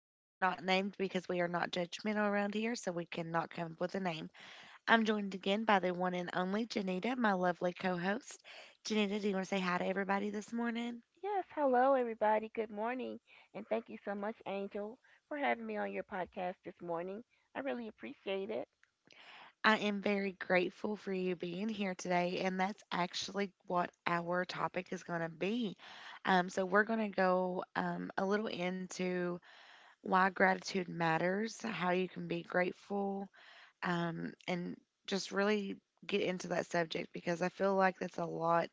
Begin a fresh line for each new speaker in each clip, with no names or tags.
and we are not named because we are not judgmental around here, so we cannot come up with a name. I'm joined again by the one and only Janita, my lovely co host. Janita, do you want to say hi to everybody this morning?
Yes, hello everybody. Good morning. And thank you so much, Angel, for having me on your podcast this morning. I really appreciate it.
I am very grateful for you being here today, and that's actually what our topic is going to be. We're going to go a little into why gratitude matters, how you can be grateful and just really get into that subject because I feel like that's a lot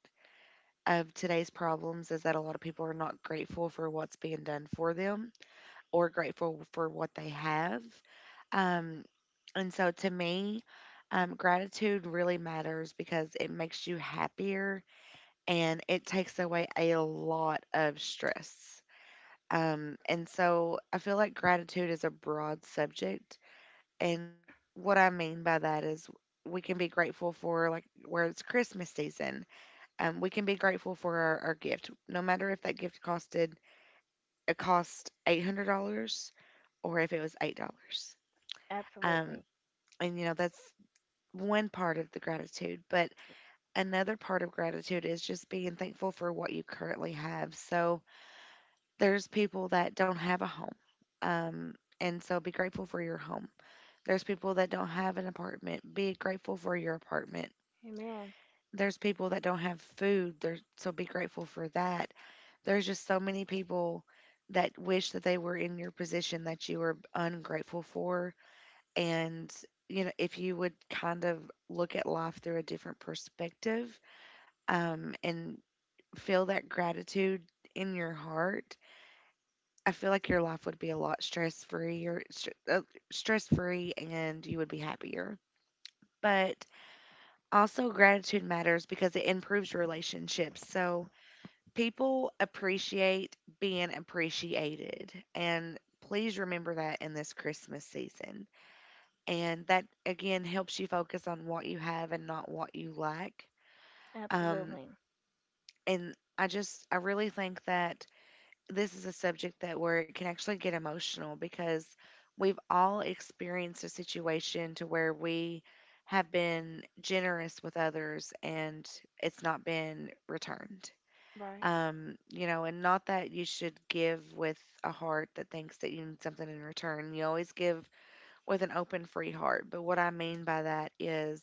of today's problems is that a lot of people are not grateful for what's being done for them or grateful for what they have. Um, and so to me, gratitude really matters because it makes you happier and it takes away a lot of stress. And so I feel like gratitude is a broad subject and what I mean by that is we can be grateful for like where it's Christmas season. We can be grateful for our gift, no matter if that gift cost $800 or if it was $8. Um,
Absolutely.
and you know that's one part of the gratitude, but another part of gratitude is just being thankful for what you currently have. So there's people that don't have a home, um, and so be grateful for your home. There's people that don't have an apartment. Be grateful for your apartment.
Amen.
There's people that don't have food there, so be grateful for that. There's just so many people that wish that they were in your position that you were ungrateful for. And you know, if you would kind of look at life through a different perspective and feel that gratitude in your heart, I feel like your life would be a lot stress free or stress free, and you would be happier. But also gratitude matters because it improves relationships, so people appreciate being appreciated. And please remember that in this Christmas season. And that, again, helps you focus on what you have and not what you lack. Um,
Absolutely.
and I just, I really think that this is a subject that where it can actually get emotional because we've all experienced a situation to where we have been generous with others and it's not been returned.
Right.
You know, and not that you should give with a heart that thinks that you need something in return. You always give with an open, free heart. But what I mean by that is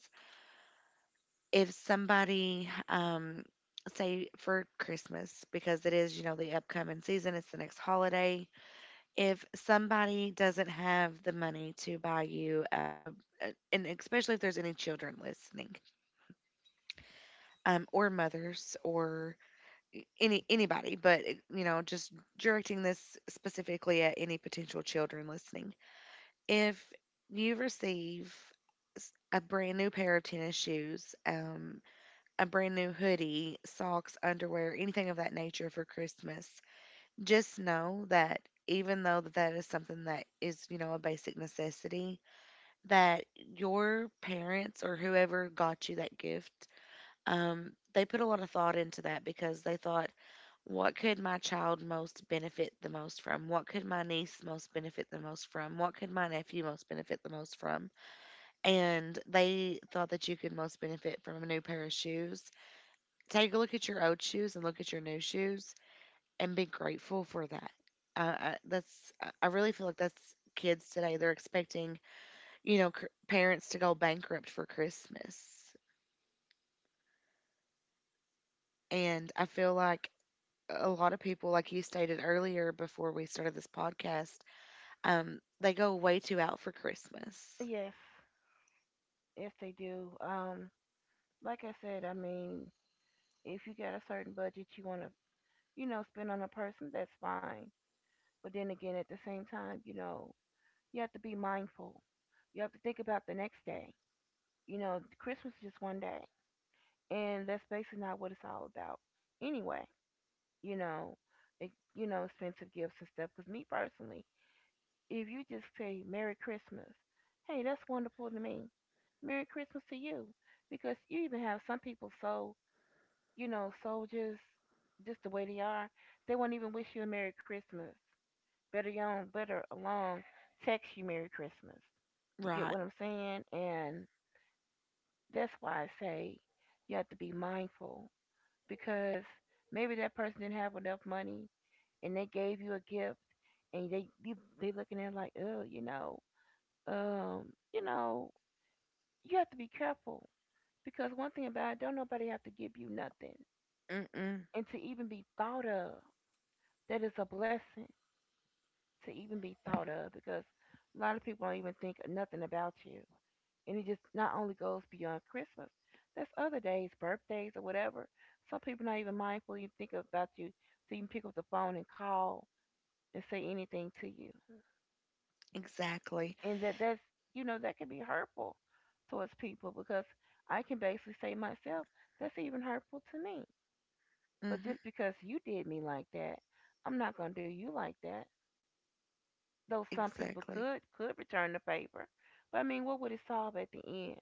if somebody, say for Christmas, because it is, you know, the upcoming season, it's the next holiday. If somebody doesn't have the money to buy you, and especially if there's any children listening, or mothers, or anybody, but you know, just directing this specifically at any potential children listening. If you receive a brand new pair of tennis shoes, a brand new hoodie, socks, underwear, anything of that nature for Christmas, just know that even though that is something that is, you know, a basic necessity, that your parents or whoever got you that gift, they put a lot of thought into that because they thought, what could my child most benefit the most from? What could my niece most benefit the most from? What could my nephew most benefit the most from? And they thought that you could most benefit from a new pair of shoes. Take a look at your old shoes and look at your new shoes and be grateful for that. That's I really feel like that's kids today. They're expecting, you know, parents to go bankrupt for Christmas, and I feel like a lot of people, like you stated earlier before we started this podcast, um, they go way too out for Christmas.
Yes. Yes, they do. Like I said, I mean, if you got a certain budget you want to, you know, spend on a person, that's fine. But then again, at the same time, you know, you have to be mindful. You have to think about the next day. You know, Christmas is just one day, and that's basically not what it's all about. Anyway, you know, it, you know, expensive gifts and stuff. Because me personally, if you just say Merry Christmas, hey, that's wonderful to me. Merry Christmas to you, because you even have some people, so you know, so just the way they are, they won't even wish you a Merry Christmas. Better young, better along, text you Merry Christmas. You get
Right.
what I'm saying, and that's why I say you have to be mindful because maybe that person didn't have enough money and they gave you a gift and they you, they looking at it like, oh, you know, um you know, you have to be careful because one thing about it, don't nobody have to give you nothing.
Mm-mm,
And to even be thought of, that is a blessing. To even be thought of, because a lot of people don't even think nothing about you. And it just not only goes beyond Christmas, that's other days, birthdays or whatever. Some people not even mindful, even think about you to even pick up the phone and call, to say anything to you.
exactly.
And that's, you know, that can be hurtful towards people, because I can basically say myself, that's even hurtful to me. But
Mm-hmm,
just because you did me like that, I'm not going to do you like that, though some people
exactly.
could return the favor. But I mean, what would it solve at the end?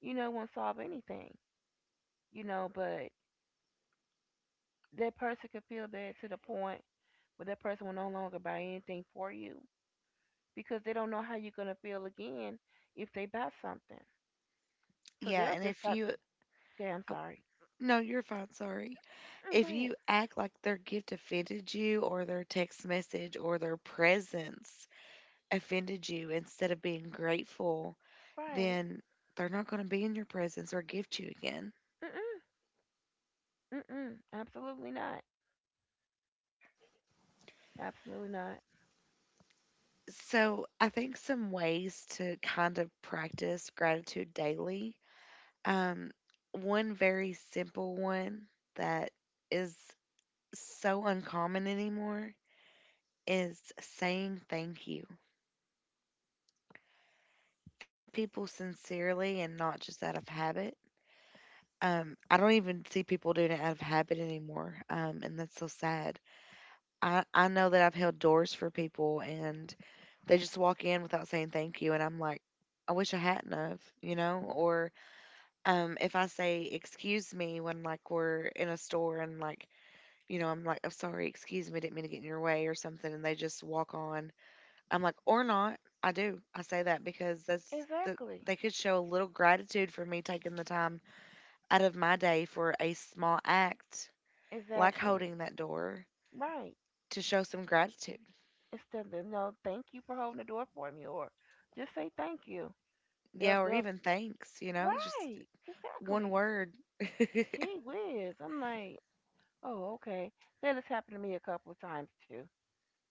You know, it won't solve anything. You know, but that person could feel bad to the point where that person will no longer buy anything for you, because they don't know how you're going to feel again if they buy something. So
Yeah,
they'll
and
just
if
start.
you,
Okay, I'm
oh,
sorry.
no, you're fine, sorry.
Mm, go
If
ahead.
you act like their gift offended you, or their text message, or their presence offended you instead of being grateful,
Right.
then they're not going to be in your presence or gift you again.
Mm-mm. Mm-mm. Absolutely not. Absolutely not.
So I think some ways to kind of practice gratitude daily. Um, One very simple one that is so uncommon anymore is saying thank you. Thank people sincerely and not just out of habit. I don't even see people doing it out of habit anymore, and that's so sad. I know that I've held doors for people and they just walk in without saying thank you, and I'm like, I wish I hadn't of, Or if I say excuse me when like we're in a store and like you know, I'm like, I'm sorry, excuse me, didn't mean to get in your way or something, and they just walk on. I'm like, or not. I do. I say that because that's the,
Exactly.
they could show a little gratitude for me taking the time out of my day for a small act like
Exactly.
holding that door
Right.
to show some gratitude.
Instead of no, thank you for holding the door for me, or just say thank you. They'll
Yeah, or
they'll
even thanks, you know, just
right.
one
Exactly.
word.
Gee whiz. I'm like, oh, okay. That has happened to me a couple of times too.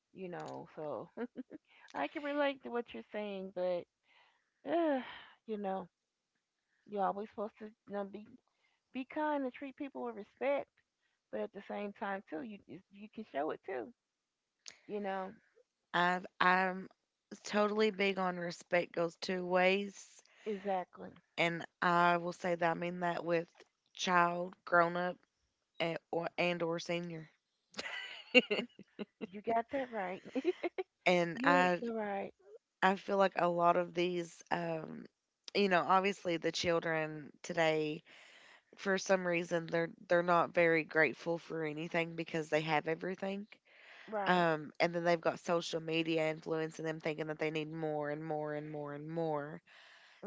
You know, so I can relate to what you're saying, but uh, you know, you're always supposed to, you know, be kind and treat people with respect, but at the same time too, you can show it too. You know
I'm totally big on respect goes two ways,
exactly.
and I will say that I mean that with child, grown up, or senior.
You got that right. Yes,
And
you're so right,
I feel like a lot of these um, you know, obviously the children today, for some reason they're not very grateful for anything because they have everything.
right,
Um, and then they've got social media influencing them thinking that they need more and more and more and more.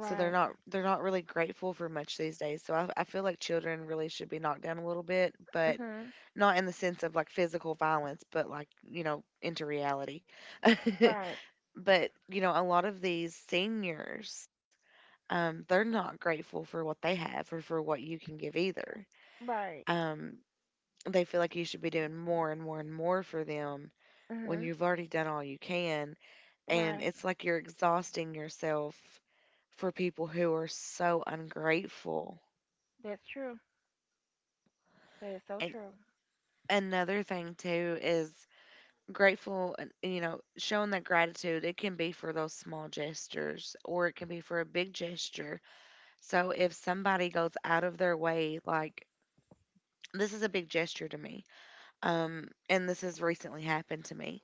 So they're not they're not really grateful for much these days. So I feel like children really should be knocked down a little bit, but
Mhm.
not in the sense of like physical violence, but like, you know, into reality.
Right,
But, you know, a lot of these seniors, they're not grateful for what they have or for what you can give either.
right.
Um, they feel like you should be doing more and more and more for them when
Mhm.
you've already done all you can. And
Right.
it's like you're exhausting yourself for people who are so ungrateful.
That's true. That is so
And
true.
another thing, too, is grateful, and you know, showing that gratitude, it can be for those small gestures or it can be for a big gesture. So if somebody goes out of their way, like, this is a big gesture to me, and this has recently happened to me.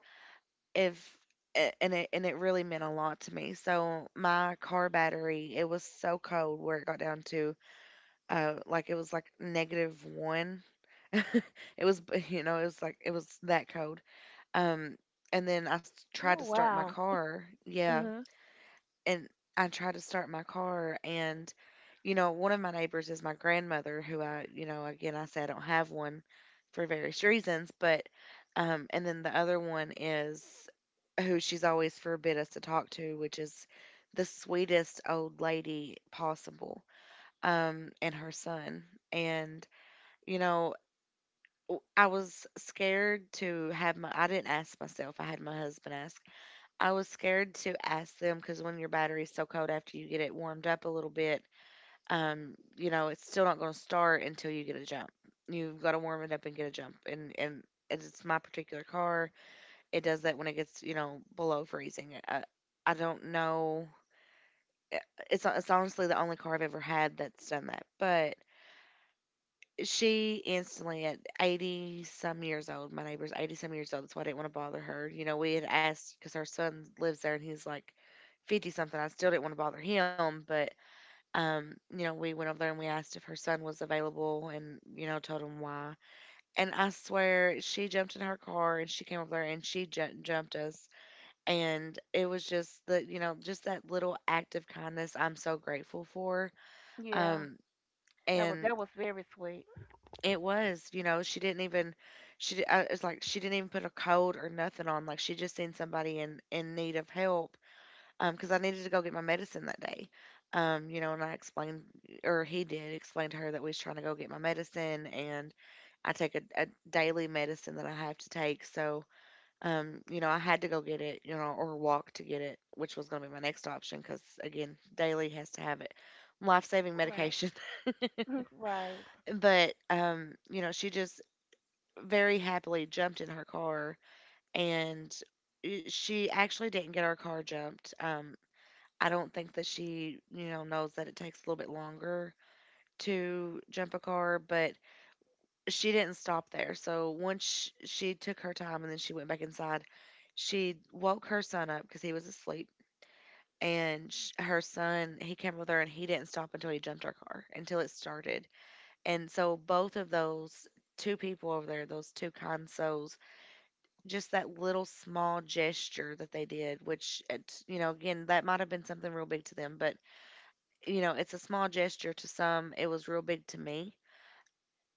If a- and it really meant a lot to me. So my car battery, it was so cold where it got down to, uh, like it was like negative one. It was you know, it was like it was that cold. Um, and then I tried to
Oh
start my
wow.
car. Yeah,
Mhm.
and I tried to start my car, and you know, one of my neighbors is my grandmother who I, you know, again I say I don't have one for various reasons, but um, and then the other one is who she's always forbid us to talk to, which is the sweetest old lady possible. Um, and her son, and you know, I was scared to have my, I didn't ask myself, I had my husband ask. I was scared to ask them because when your battery's so cold after you get it warmed up a little bit, you know, it's still not going to start until you get a jump. You've got to warm it up and get a jump. And it's my particular car. It does that when it gets, you know, below freezing. I don't know. It- it's honestly the only car I've ever had that's done that. But she instantly, at 80 some years old, my neighbor's 80 some years old, that's why I didn't want to bother her. You know, we had asked because her son lives there, and he's like 50 something. I still didn't want to bother him, but um, you know, we went over there and we asked if her son was available, and you know, told him why, and I swear she jumped in her car and she came over there and she jumped us. And it was just that, you know, just that little act of kindness I'm so grateful for.
Yeah.
Um, and
That was very sweet.
it was, you know, she didn't even, it's like she didn't even put a code or nothing on. Like she just seen somebody in need of help, because I needed to go get my medicine that day. You know, and I explained, or he did explain to her that we was trying to go get my medicine. And I take a daily medicine that I have to take. So, I had to go get it, or walk to get it, which was going to be my next option, cause again, daily has to have it. Life-saving
Right.
medication.
Right.
But she just very happily jumped in her car and she actually didn't get her car jumped. I don't think that she, knows that it takes a little bit longer to jump a car, but she didn't stop there. So once she took her time and then she went back inside, she woke her son up because he was asleep. And her son, he came with her and he didn't stop until he jumped her car, until it started. And so both of those two people over there, those two kind souls, just that little small gesture that they did, which, again, that might have been something real big to them, but, it's a small gesture to some. It was real big to me.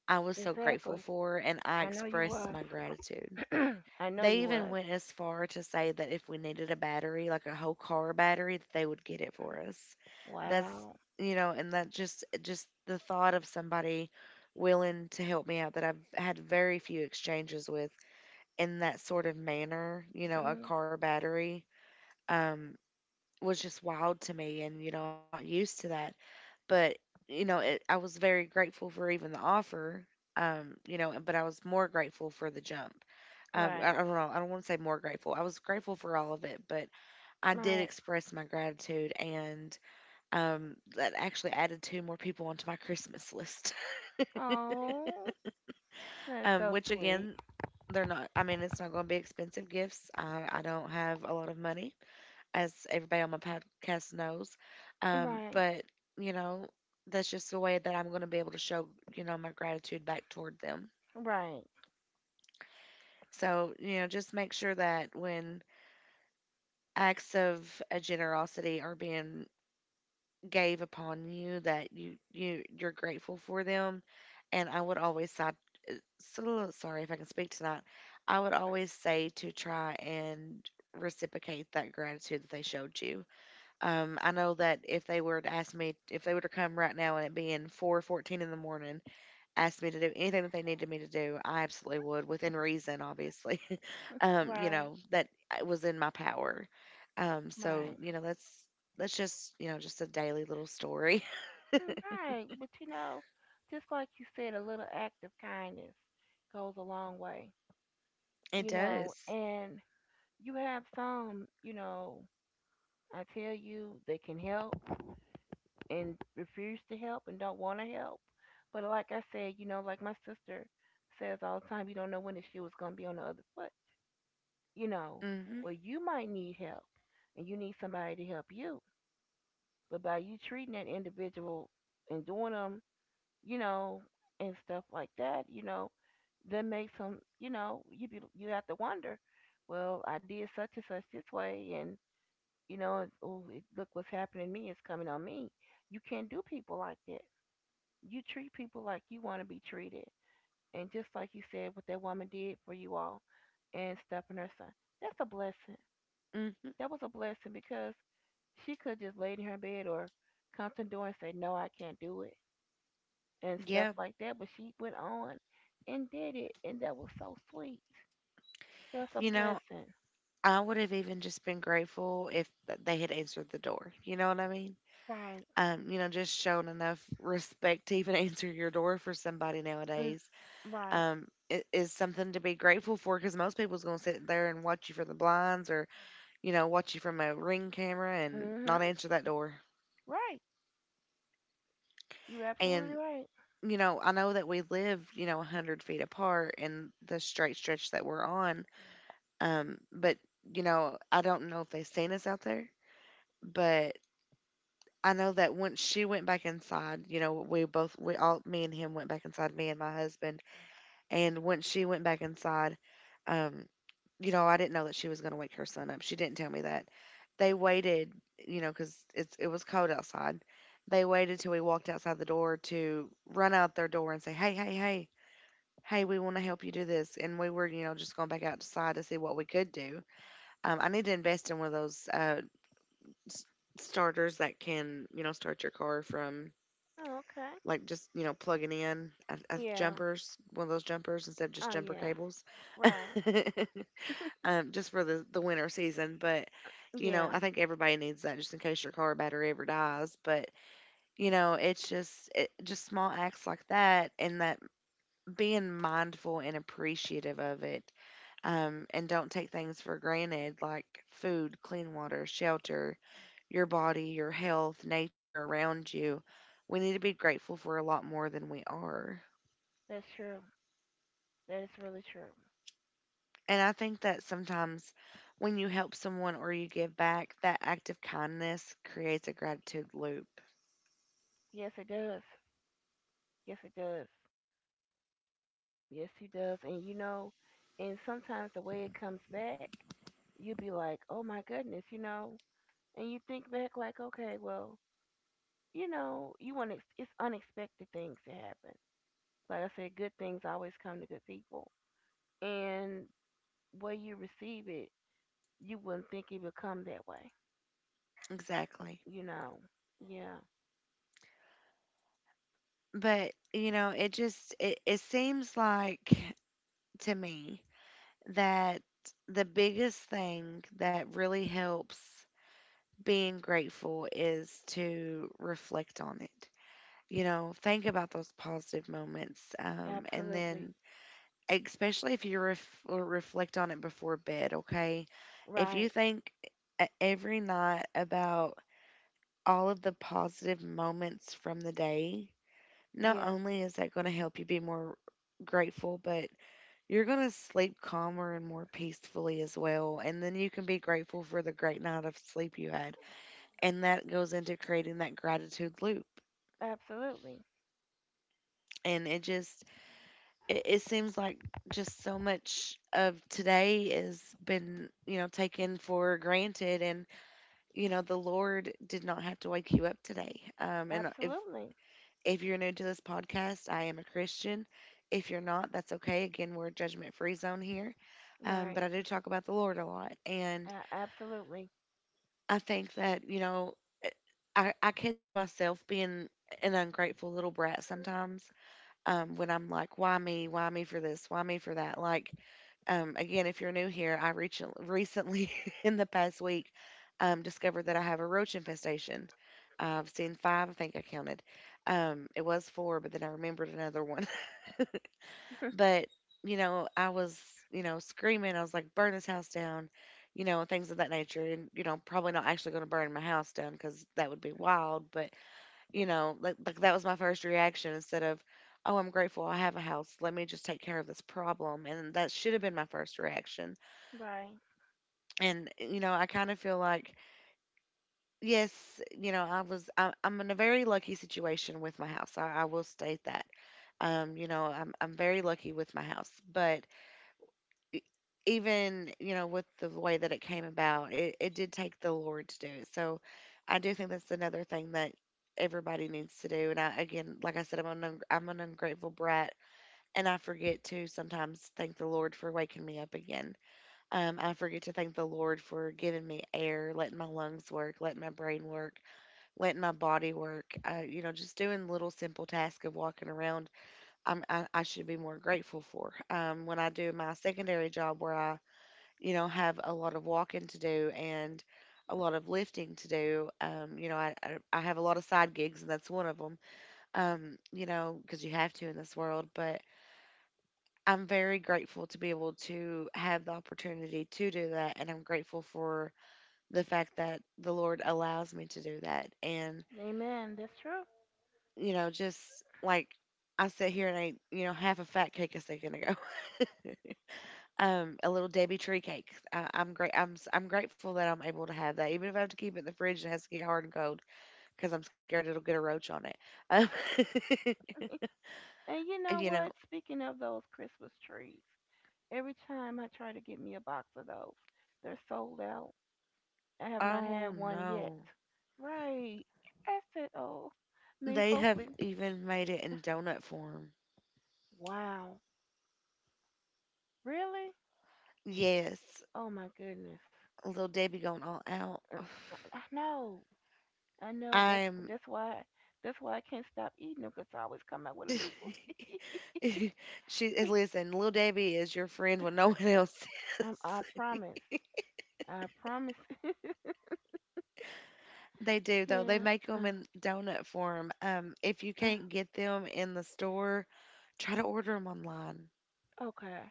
I was so grateful
Exactly.
for, and I
I know you
expressed
was.
my gratitude.
I know
They
you
even
was.
went as far to say that if we needed a battery, like a whole car battery, that they would get it for us. That's,
Wow.
and that just the thought of somebody willing to help me out that I've had very few exchanges with in that sort of manner, a
Mhm.
car battery, um, was just wild to me. And, I'm not used to that. But, I was very grateful for even the offer, but I was more grateful for the jump. I
Right.
don't know. I don't want to say more grateful. I was grateful for all of it, but I did
Right.
express my gratitude, and that actually added two more people onto my Christmas list.
Oh. That's so
Which
sweet.
again, they're not. I mean, it's not going to be expensive gifts. I don't have a lot of money, as everybody on my podcast knows.
Right,
But, you know, that's just the way that I'm going to be able to show, my gratitude back toward them.
right,
So, just make sure that when acts of generosity are being gave upon you that you're grateful for them and I would always say, so, sorry if I can speak tonight. I would always say to try and reciprocate that gratitude that they showed you. I know that if they were to ask me, if they were to come right now and it being 4:14 in the morning, ask me to do anything that they needed me to do, I absolutely would, within reason, obviously.
right,
That was in my power. So,
right.
that's just, just a daily little story.
Mm, right. But you know, just like you said, a little act of kindness goes a long way,
It
you know.
does.
And you have some, you know, I tell you, they can help and refuse to help and don't want to help. But like I said, you know, like my sister says all the time, you don't know when the shoe is going to be on the other foot, you know.
Mhm.
Well, you might need help and you need somebody to help you. But by you treating that individual and doing them, you know, and stuff like that, you know, that makes them, you know, you be you have to wonder, well, I did such and such this way, and you know, it's, oh, it, look what's happening to me. It's coming on me. You can't do people like that. You treat people like you want to be treated, and just like you said, what that woman did for you all, and stuff and her son, that's a blessing.
Mhm.
That was a blessing because she could just lay in her bed or come to the door and say, no, I can't do it and stuff
Yeah.
like that. But she went on and did it, and that was so sweet. That's a
You know,
blessing.
I would have even just been grateful if they had answered the door. You know what I mean?
Right.
Just showing enough respect to even answer your door for somebody
Mm,
nowadays
right.
is something to be grateful for because most people's going to sit there and watch you from the blinds or, watch you from a ring camera and not
Mhm.
answer that door.
Right. You're absolutely
And,
right.
I know that we live, 100 feet apart in the straight stretch that we're on, but, I don't know if they've seen us out there, but I know that once she went back inside, you know, we both, we all, me and him went back inside, me and my husband. And when she went back inside, um, I didn't know that she was going to wake her son up. She didn't tell me that. They waited, because it was cold outside. They waited till we walked outside the door to run out their door and say, "Hey, hey, hey, hey, we want to help you do this." And we were, just going back outside to see what we could do. I need to invest in one of those s- starters that can, start your car from
Oh, okay.
like just plugging in a
Yeah.
jumpers, one of those jumpers instead of just
Oh
jumper
yeah.
cables,
Right.
just for the winter season. But
Yeah.
I think everybody needs that just in case your car battery ever dies. But just small acts like that, and that being mindful and appreciative of it, and don't take things for granted like food, clean water, shelter, your body, your health, nature around you. We need to be grateful for a lot more than we are.
That's true. That is really true.
And I think that sometimes when you help someone or you give back, that act of kindness creates a gratitude loop.
Yes it does. Yes it does. Yes he does. And you know, and sometimes the way it comes back, you'd be like, oh my goodness, you know, and you think back like, okay, well, you know, you want ex- it's unexpected things that happen. Like I said, good things always come to good people, and way you receive it, you wouldn't think it would come that way.
Exactly.
You know, yeah,
But, it seems like to me that the biggest thing that really helps being grateful is to reflect on it. You know, think about those positive moments and
absolutely,
then especially if you reflect on it before bed, okay? If
right,
you think every night about all of the positive moments from the day, not
yeah,
only is that going to help you be more grateful, but you're going to sleep calmer and more peacefully as well. And then you can be grateful for the great night of sleep you had. And that goes into creating that gratitude loop.
absolutely,
And it just, it seems like just so much of today has been, taken for granted and the Lord did not have to wake you up today. And If
absolutely,
you're new to this podcast, I am a Christian. If you're not, that's okay. Again, we're a judgment free zone here.
right,
But I do talk about the Lord a lot. And
absolutely,
I think that, eh, I catch myself being an ungrateful little brat sometimes when I'm like, why me? Why me for this? Why me for that? Like, again, if you're new here, recently, in the past week, discovered that I have a roach infestation. I've seen five, I think I counted. It was four, but then I remembered another one. But, you know, I was, screaming. I was like, burn this house down, and things of that nature. And, probably not actually going to burn my house down because that would be wild. But, that was my first reaction instead of, oh, I'm grateful I have a house. Let me just take care of this problem. And that should have been my first reaction
right.
and I kind of feel like yes I'm in a very lucky situation with my house I will state that I'm very lucky with my house but e- even with the way that it came about it did take the lord to do it so I do think that's another thing that everybody needs to do and I again like I said I'm an ungrateful brat and I forget to sometimes thank the lord for waking me up again I forget to thank the Lord for giving me air, letting my lungs work, letting my brain work, letting my body work. You know, just doing little simple tasks of walking around. I should be more grateful for. When I do my secondary job, where I, have a lot of walking to do and a lot of lifting to do. I have a lot of side gigs, and that's one of them. You know, because you have to in this world, but I'm very grateful to be able to have the opportunity to do that, and I'm grateful for the fact that the Lord allows me to do that. And,
Amen. That's true.
just like I sit here and ate, half a fat cake a second ago, a little Debbie tree cake. I, I'm great. I'm, s- I'm grateful that I'm able to have that, even if I have to keep it in the fridge and it has to get hard and cold because I'm scared it'll get a roach on it. Um,
And you know
you
what?
know,
Speaking of those Christmas trees, every time I try to get me a box of those, they're sold out. I have not had
oh
one yet.
no.
Right. I said, oh, I mean,
They have
hopefully.
even made it in donut form.
Wow. Really?
Yes,
Oh my goodness.
little Debbie going all out.
Uh, I know. I know.
I am
That's why I can't stop eating them 'cause I always come out with a new one.
she and listen, little Debbie is your friend when no one else is.
I promise. I promise.
They do though. They
Yeah.
make them
Uh,
in donut form. If you
uh,
can't get them in the store, try to order them online.
okay.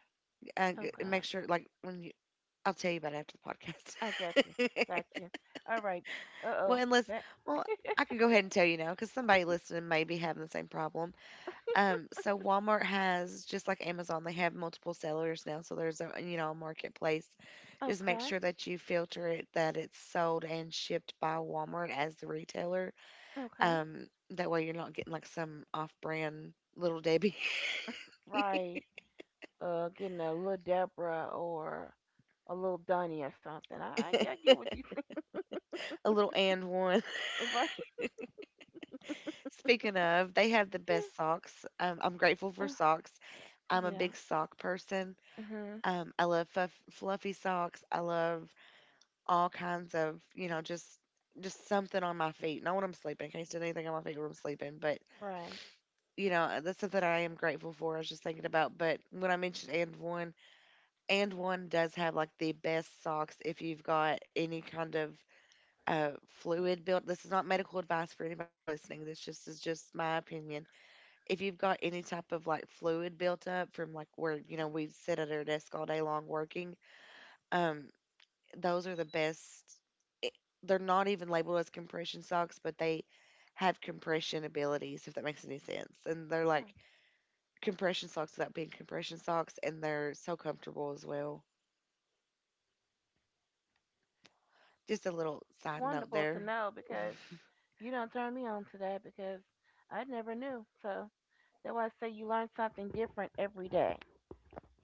Okay.
Make sure, like when you, I'll tell you about it after
I
the
got you. Got
podcast.
you. All right. Uh
well,
oh.
unless,
Back.
well, I can go ahead and tell you now because somebody listening may be having the same problem. So Walmart, has just like Amazon, they have multiple sellers now. So there's a you know a marketplace. Just make
Okay.
sure that you filter it that it's sold and shipped by Walmart as the retailer.
Okay.
Um, that way you're not getting like some off-brand little Debbie,
Right? Getting a little Deborah or a little Dunny or something. I get what you
a little and one.
think, right?
Speaking of, they have the
Yeah.
best socks. I'm grateful for
Uh,
socks. I'm a
yeah.
big sock person.
Mhm.
I love fluffy socks. I love all kinds of, you know, just something on my feet. Not when I'm sleeping. Can't stand anything on my feet when I'm sleeping. But
Right.
that's something I am grateful for. I was just thinking about. But when I mentioned and one does have like the best socks if you've got any kind of fluid built. This is not medical advice for anybody listening. This just is just my opinion. If you've got any type of like fluid built up from like where you know we sit at our desk all day long working, um, those are the best. it- They're not even labeled as compression socks, but they have compression abilities, if that makes any sense. And they're
Hmm.
like compression socks without being compression socks, and they're so comfortable as well. Just a little
That's
side note
wonderful to
there.
know because you don't turn me on to that because I never knew. So that's why I say you learn something different every day,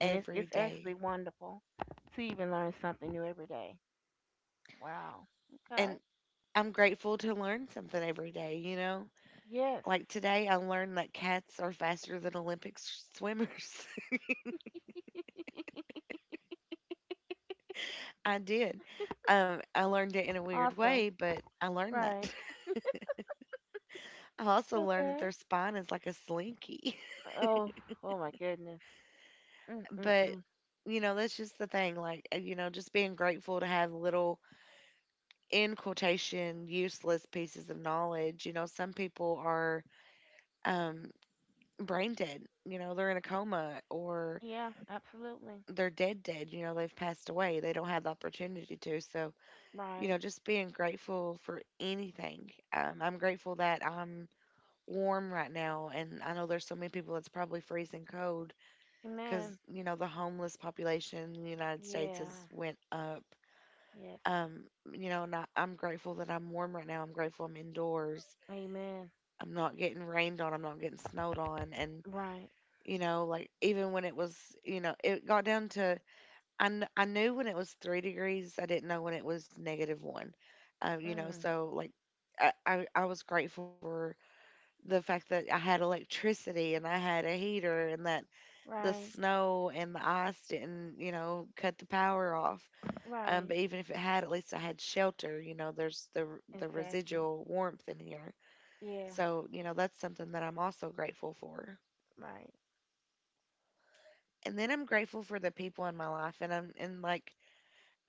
and it's
day.
actually wonderful to even learn something new every day. Wow. Okay.
And I'm grateful to learn something every day, you know?
Yes.
Like today, I learned that cats are faster than Olympic swimmers. I did. I learned it in a weird way,
Awesome.
but I learned that.
Right.
I also learned that
Okay.
their spine is like a slinky.
Oh, oh my goodness. Mm, mm,
But,
mm.
you know, that's just the thing. Like, you know, just being grateful to have little, in quotation, useless pieces of knowledge. You know, some people are um, brain dead. You know, they're in a coma or
Yeah, absolutely.
they're dead, dead. You know, they've passed away. They don't have the opportunity to. So, you
Right.
know, just being grateful for anything. I'm grateful that I'm warm right now. And I know there's so many people that's probably freezing cold because
Amen.
you know the homeless population in the United States has
Yeah.
went up.
Yes.
Um, you know, and I'm grateful that I'm warm right now. I'm grateful I'm indoors.
Amen.
I'm not getting rained on. I'm not getting snowed on. And
Right.
you know, like even when it was, you know, it got down to I knew when it was 3 degrees. I didn't know when it was negative one. You know,
Mm.
so like I was grateful for the fact that I had electricity and I had a heater and that the
Right.
snow and the ice didn't, you know, cut the power off.
Right.
But even if it had, at least I had shelter. You know, there's the
Exactly.
residual warmth in here.
Yeah.
So you know, that's something that I'm also grateful for.
Right.
And then I'm grateful for the people in my life, and I'm and like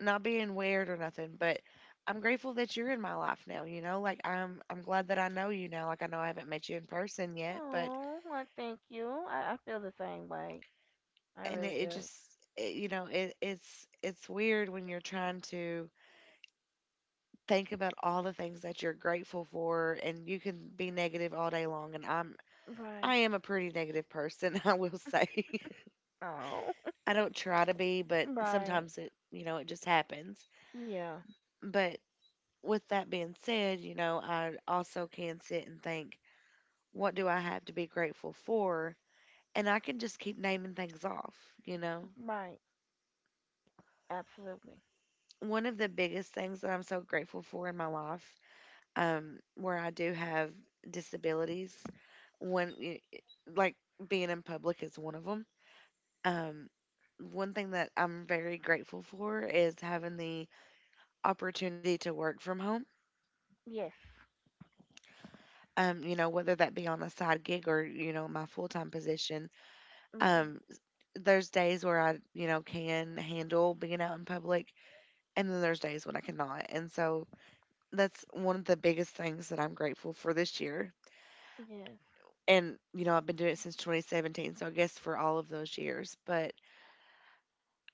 not being weird or nothing, but I'm grateful that you're in my life now. You know, like I'm glad that I know you now. Like I know I haven't met you in person yet, but
Oh, well, thank you. I feel the same way. I
and
really do.
you know it's weird when you're trying to think about all the things that you're grateful for and you can be negative all day long and I'm
Right.
I am a pretty negative person, I will say.
Oh.
I don't try to be, but
Right.
sometimes it, you know, it just happens.
Yeah.
But with that being said, you know, I also can sit and think, what do I have to be grateful for? And I can just keep naming things off, you know.
Right. Absolutely.
One of the biggest things that I'm so grateful for in my life where I do have disabilities. When y- like Being in public is one of them. Um, one thing that I'm very grateful for is having the opportunity to work from home.
Yes.
You know, whether that be on a side gig or, you know, my full time position.
Right.
Um, there's days where I, you know, can handle being out in public and then there's days when I cannot. And so that's one of the biggest things that I'm grateful for this year
Yes.
and you know I've been doing it since 2017, so I guess for all of those years. But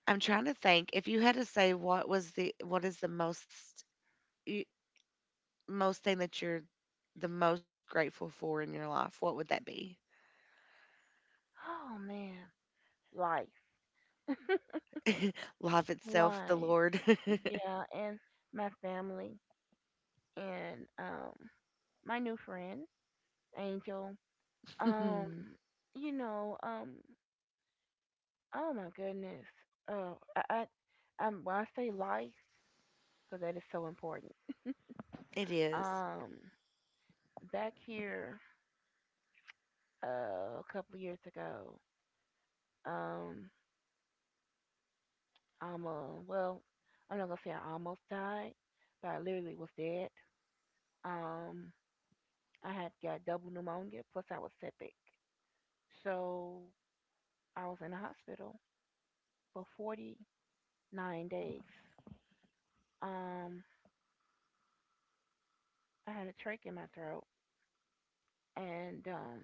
I'm trying to think, if you had to say what was the what is the most y- most thing that you're the most grateful for in your life, what would that be?
Oh man. Life.
Life itself, the
Life.
Lord.
Yeah, and my family and my new friend, Angel. Um, you know, oh my goodness. Oh, I I'm, when I say life, because that is so important.
It is.
Um back here a couple years ago, um I'm almost, well, I'm not going to say I almost died, but I literally was dead. Um I had got double pneumonia plus I was septic. So I was in the hospital for 49 days. Um, I had a trach in my throat, and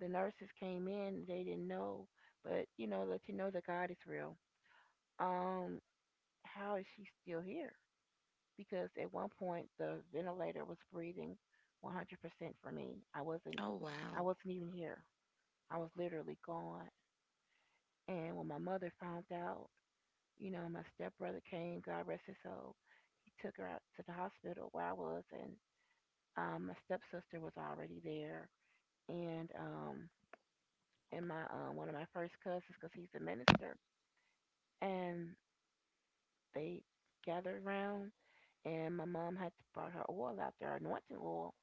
the nurses came in. They didn't know, but you know, let you know that God is real. Um, how is she still here? Because at one point the ventilator was breathing 100% for me. I wasn't.
Oh,
I wasn't even here. I was literally gone. And when my mother found out, you know, my stepbrother came, God rest his soul. He took her out to the hospital where I was, and my stepsister was already there, and um, and my one of my first cousins, because he's a minister, and they gathered around, and my mom had brought her oil out there, anointing oil,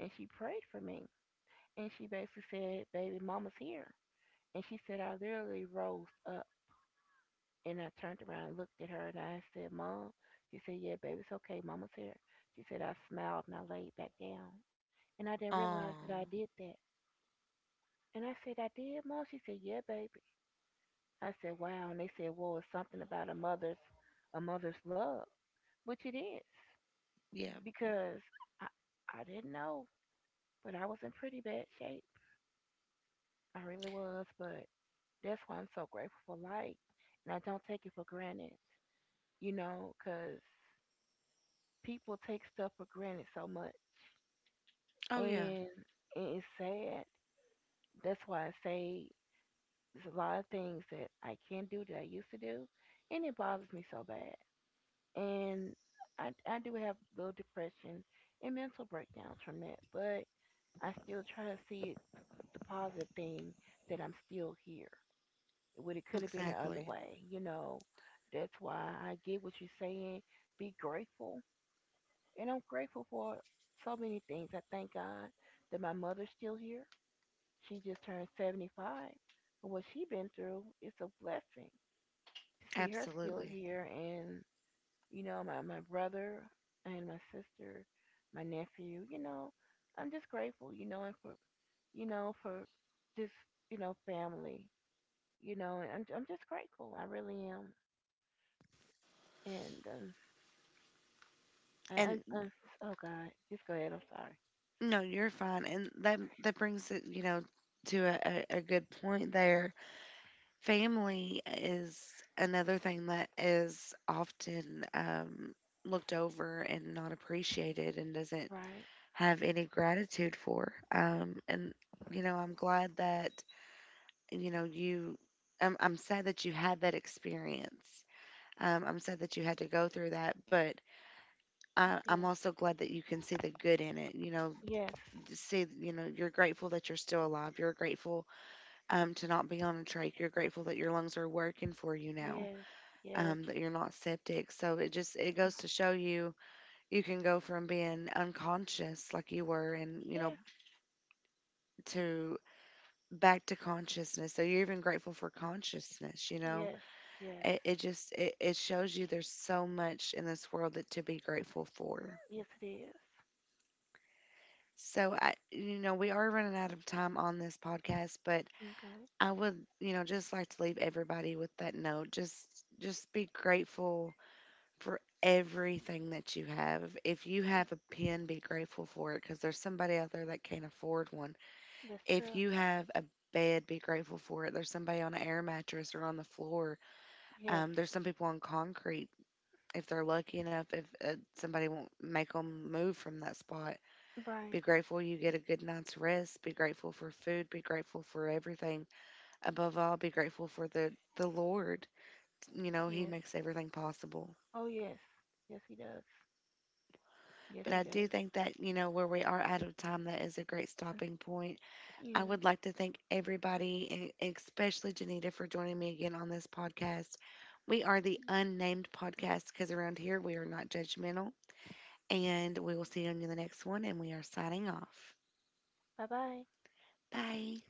and she prayed for me, and she basically said, "Baby, mama's here," and she said I literally rose up. And I turned around and looked at her and I said, "Mom." She said, "Yeah, baby, it's okay. Mama's here." She said I smiled and I laid back down. And I
wow.
didn't realize that
Oh,
I did that. And I said, "I did, Mom." She said, "Yeah, baby." I said, "Wow." And they said, well, it's something about a mother's love, which it is.
yeah.
Because I I didn't know, but I was in pretty bad shape. I really was, but that's why I'm so grateful for life. And I don't take it for granted, you know, because people take stuff for granted so much,
Oh, yeah.
and it is sad. That's why I say there's a lot of things that I can do that I used to do, and it bothers me so bad. And I do have a little depression and mental breakdowns from that, but I still try to see it the positive thing that I'm still here. Would it could have been the other
Exactly.
way, you know? That's why I get what you're saying. Be grateful. And I'm grateful for so many things. I thank God that my mother's still here. She just turned 75. And what she has been through, it's a blessing to see her still
Absolutely.
here. And, you know, my brother and my sister, my nephew, you know, I'm just grateful, you know, and for, you know, for this, you know, family, you know, and I'm just grateful. I really am. And, I, I,
And
I, oh God, just go ahead. I'm sorry.
no, you're fine. And that brings it, you know, to a good point there. Family is another thing that is often looked over and not appreciated and doesn't
Right.
have any gratitude for. And, you know, I'm glad that, you know, you, I'm sad that you had that experience. I'm sad that you had to go through that, but I'm
Yeah.
also glad that you can see the good in it. You know,
Yes.
to see, you know, you're grateful that you're still alive. You're grateful to not be on a trach. You're grateful that your lungs are working for you now,
Yes, yes,
that you're not septic. So it just it goes to show you you can go from being unconscious like you were, and you know
yeah,
to back to consciousness. So you're even grateful for consciousness. You know,
yes, yes,
it shows you there's so much in this world that to be grateful for.
yes, it is.
So I, you know, we are running out of time on this podcast, but
Okay,
I would, you know, just like to leave everybody with that note. Just be grateful for everything that you have. If you have a pen, be grateful for it because there's somebody out there that can't afford one.
that's
If
true.
you have a bed, be grateful for it. There's somebody on an air mattress or on the floor.
Yes,
There's some people on concrete. If they're lucky enough, if somebody won't make them move from that spot,
right.
be grateful you get a good night's rest. Be grateful for food. Be grateful for everything. Above all, be grateful for the Lord. You know, He
Yes.
makes everything possible.
Oh, yes, yes, he does. Yes,
But
he
I do
does.
think that, you know, where we are out of time, that is a great stopping point. I
Yeah.
would like to thank everybody, and especially Janita, for joining me again on this podcast. We are the unnamed podcast because around here we are not judgmental. And we will see you on the next one, and we are signing off.
Bye bye.
Bye.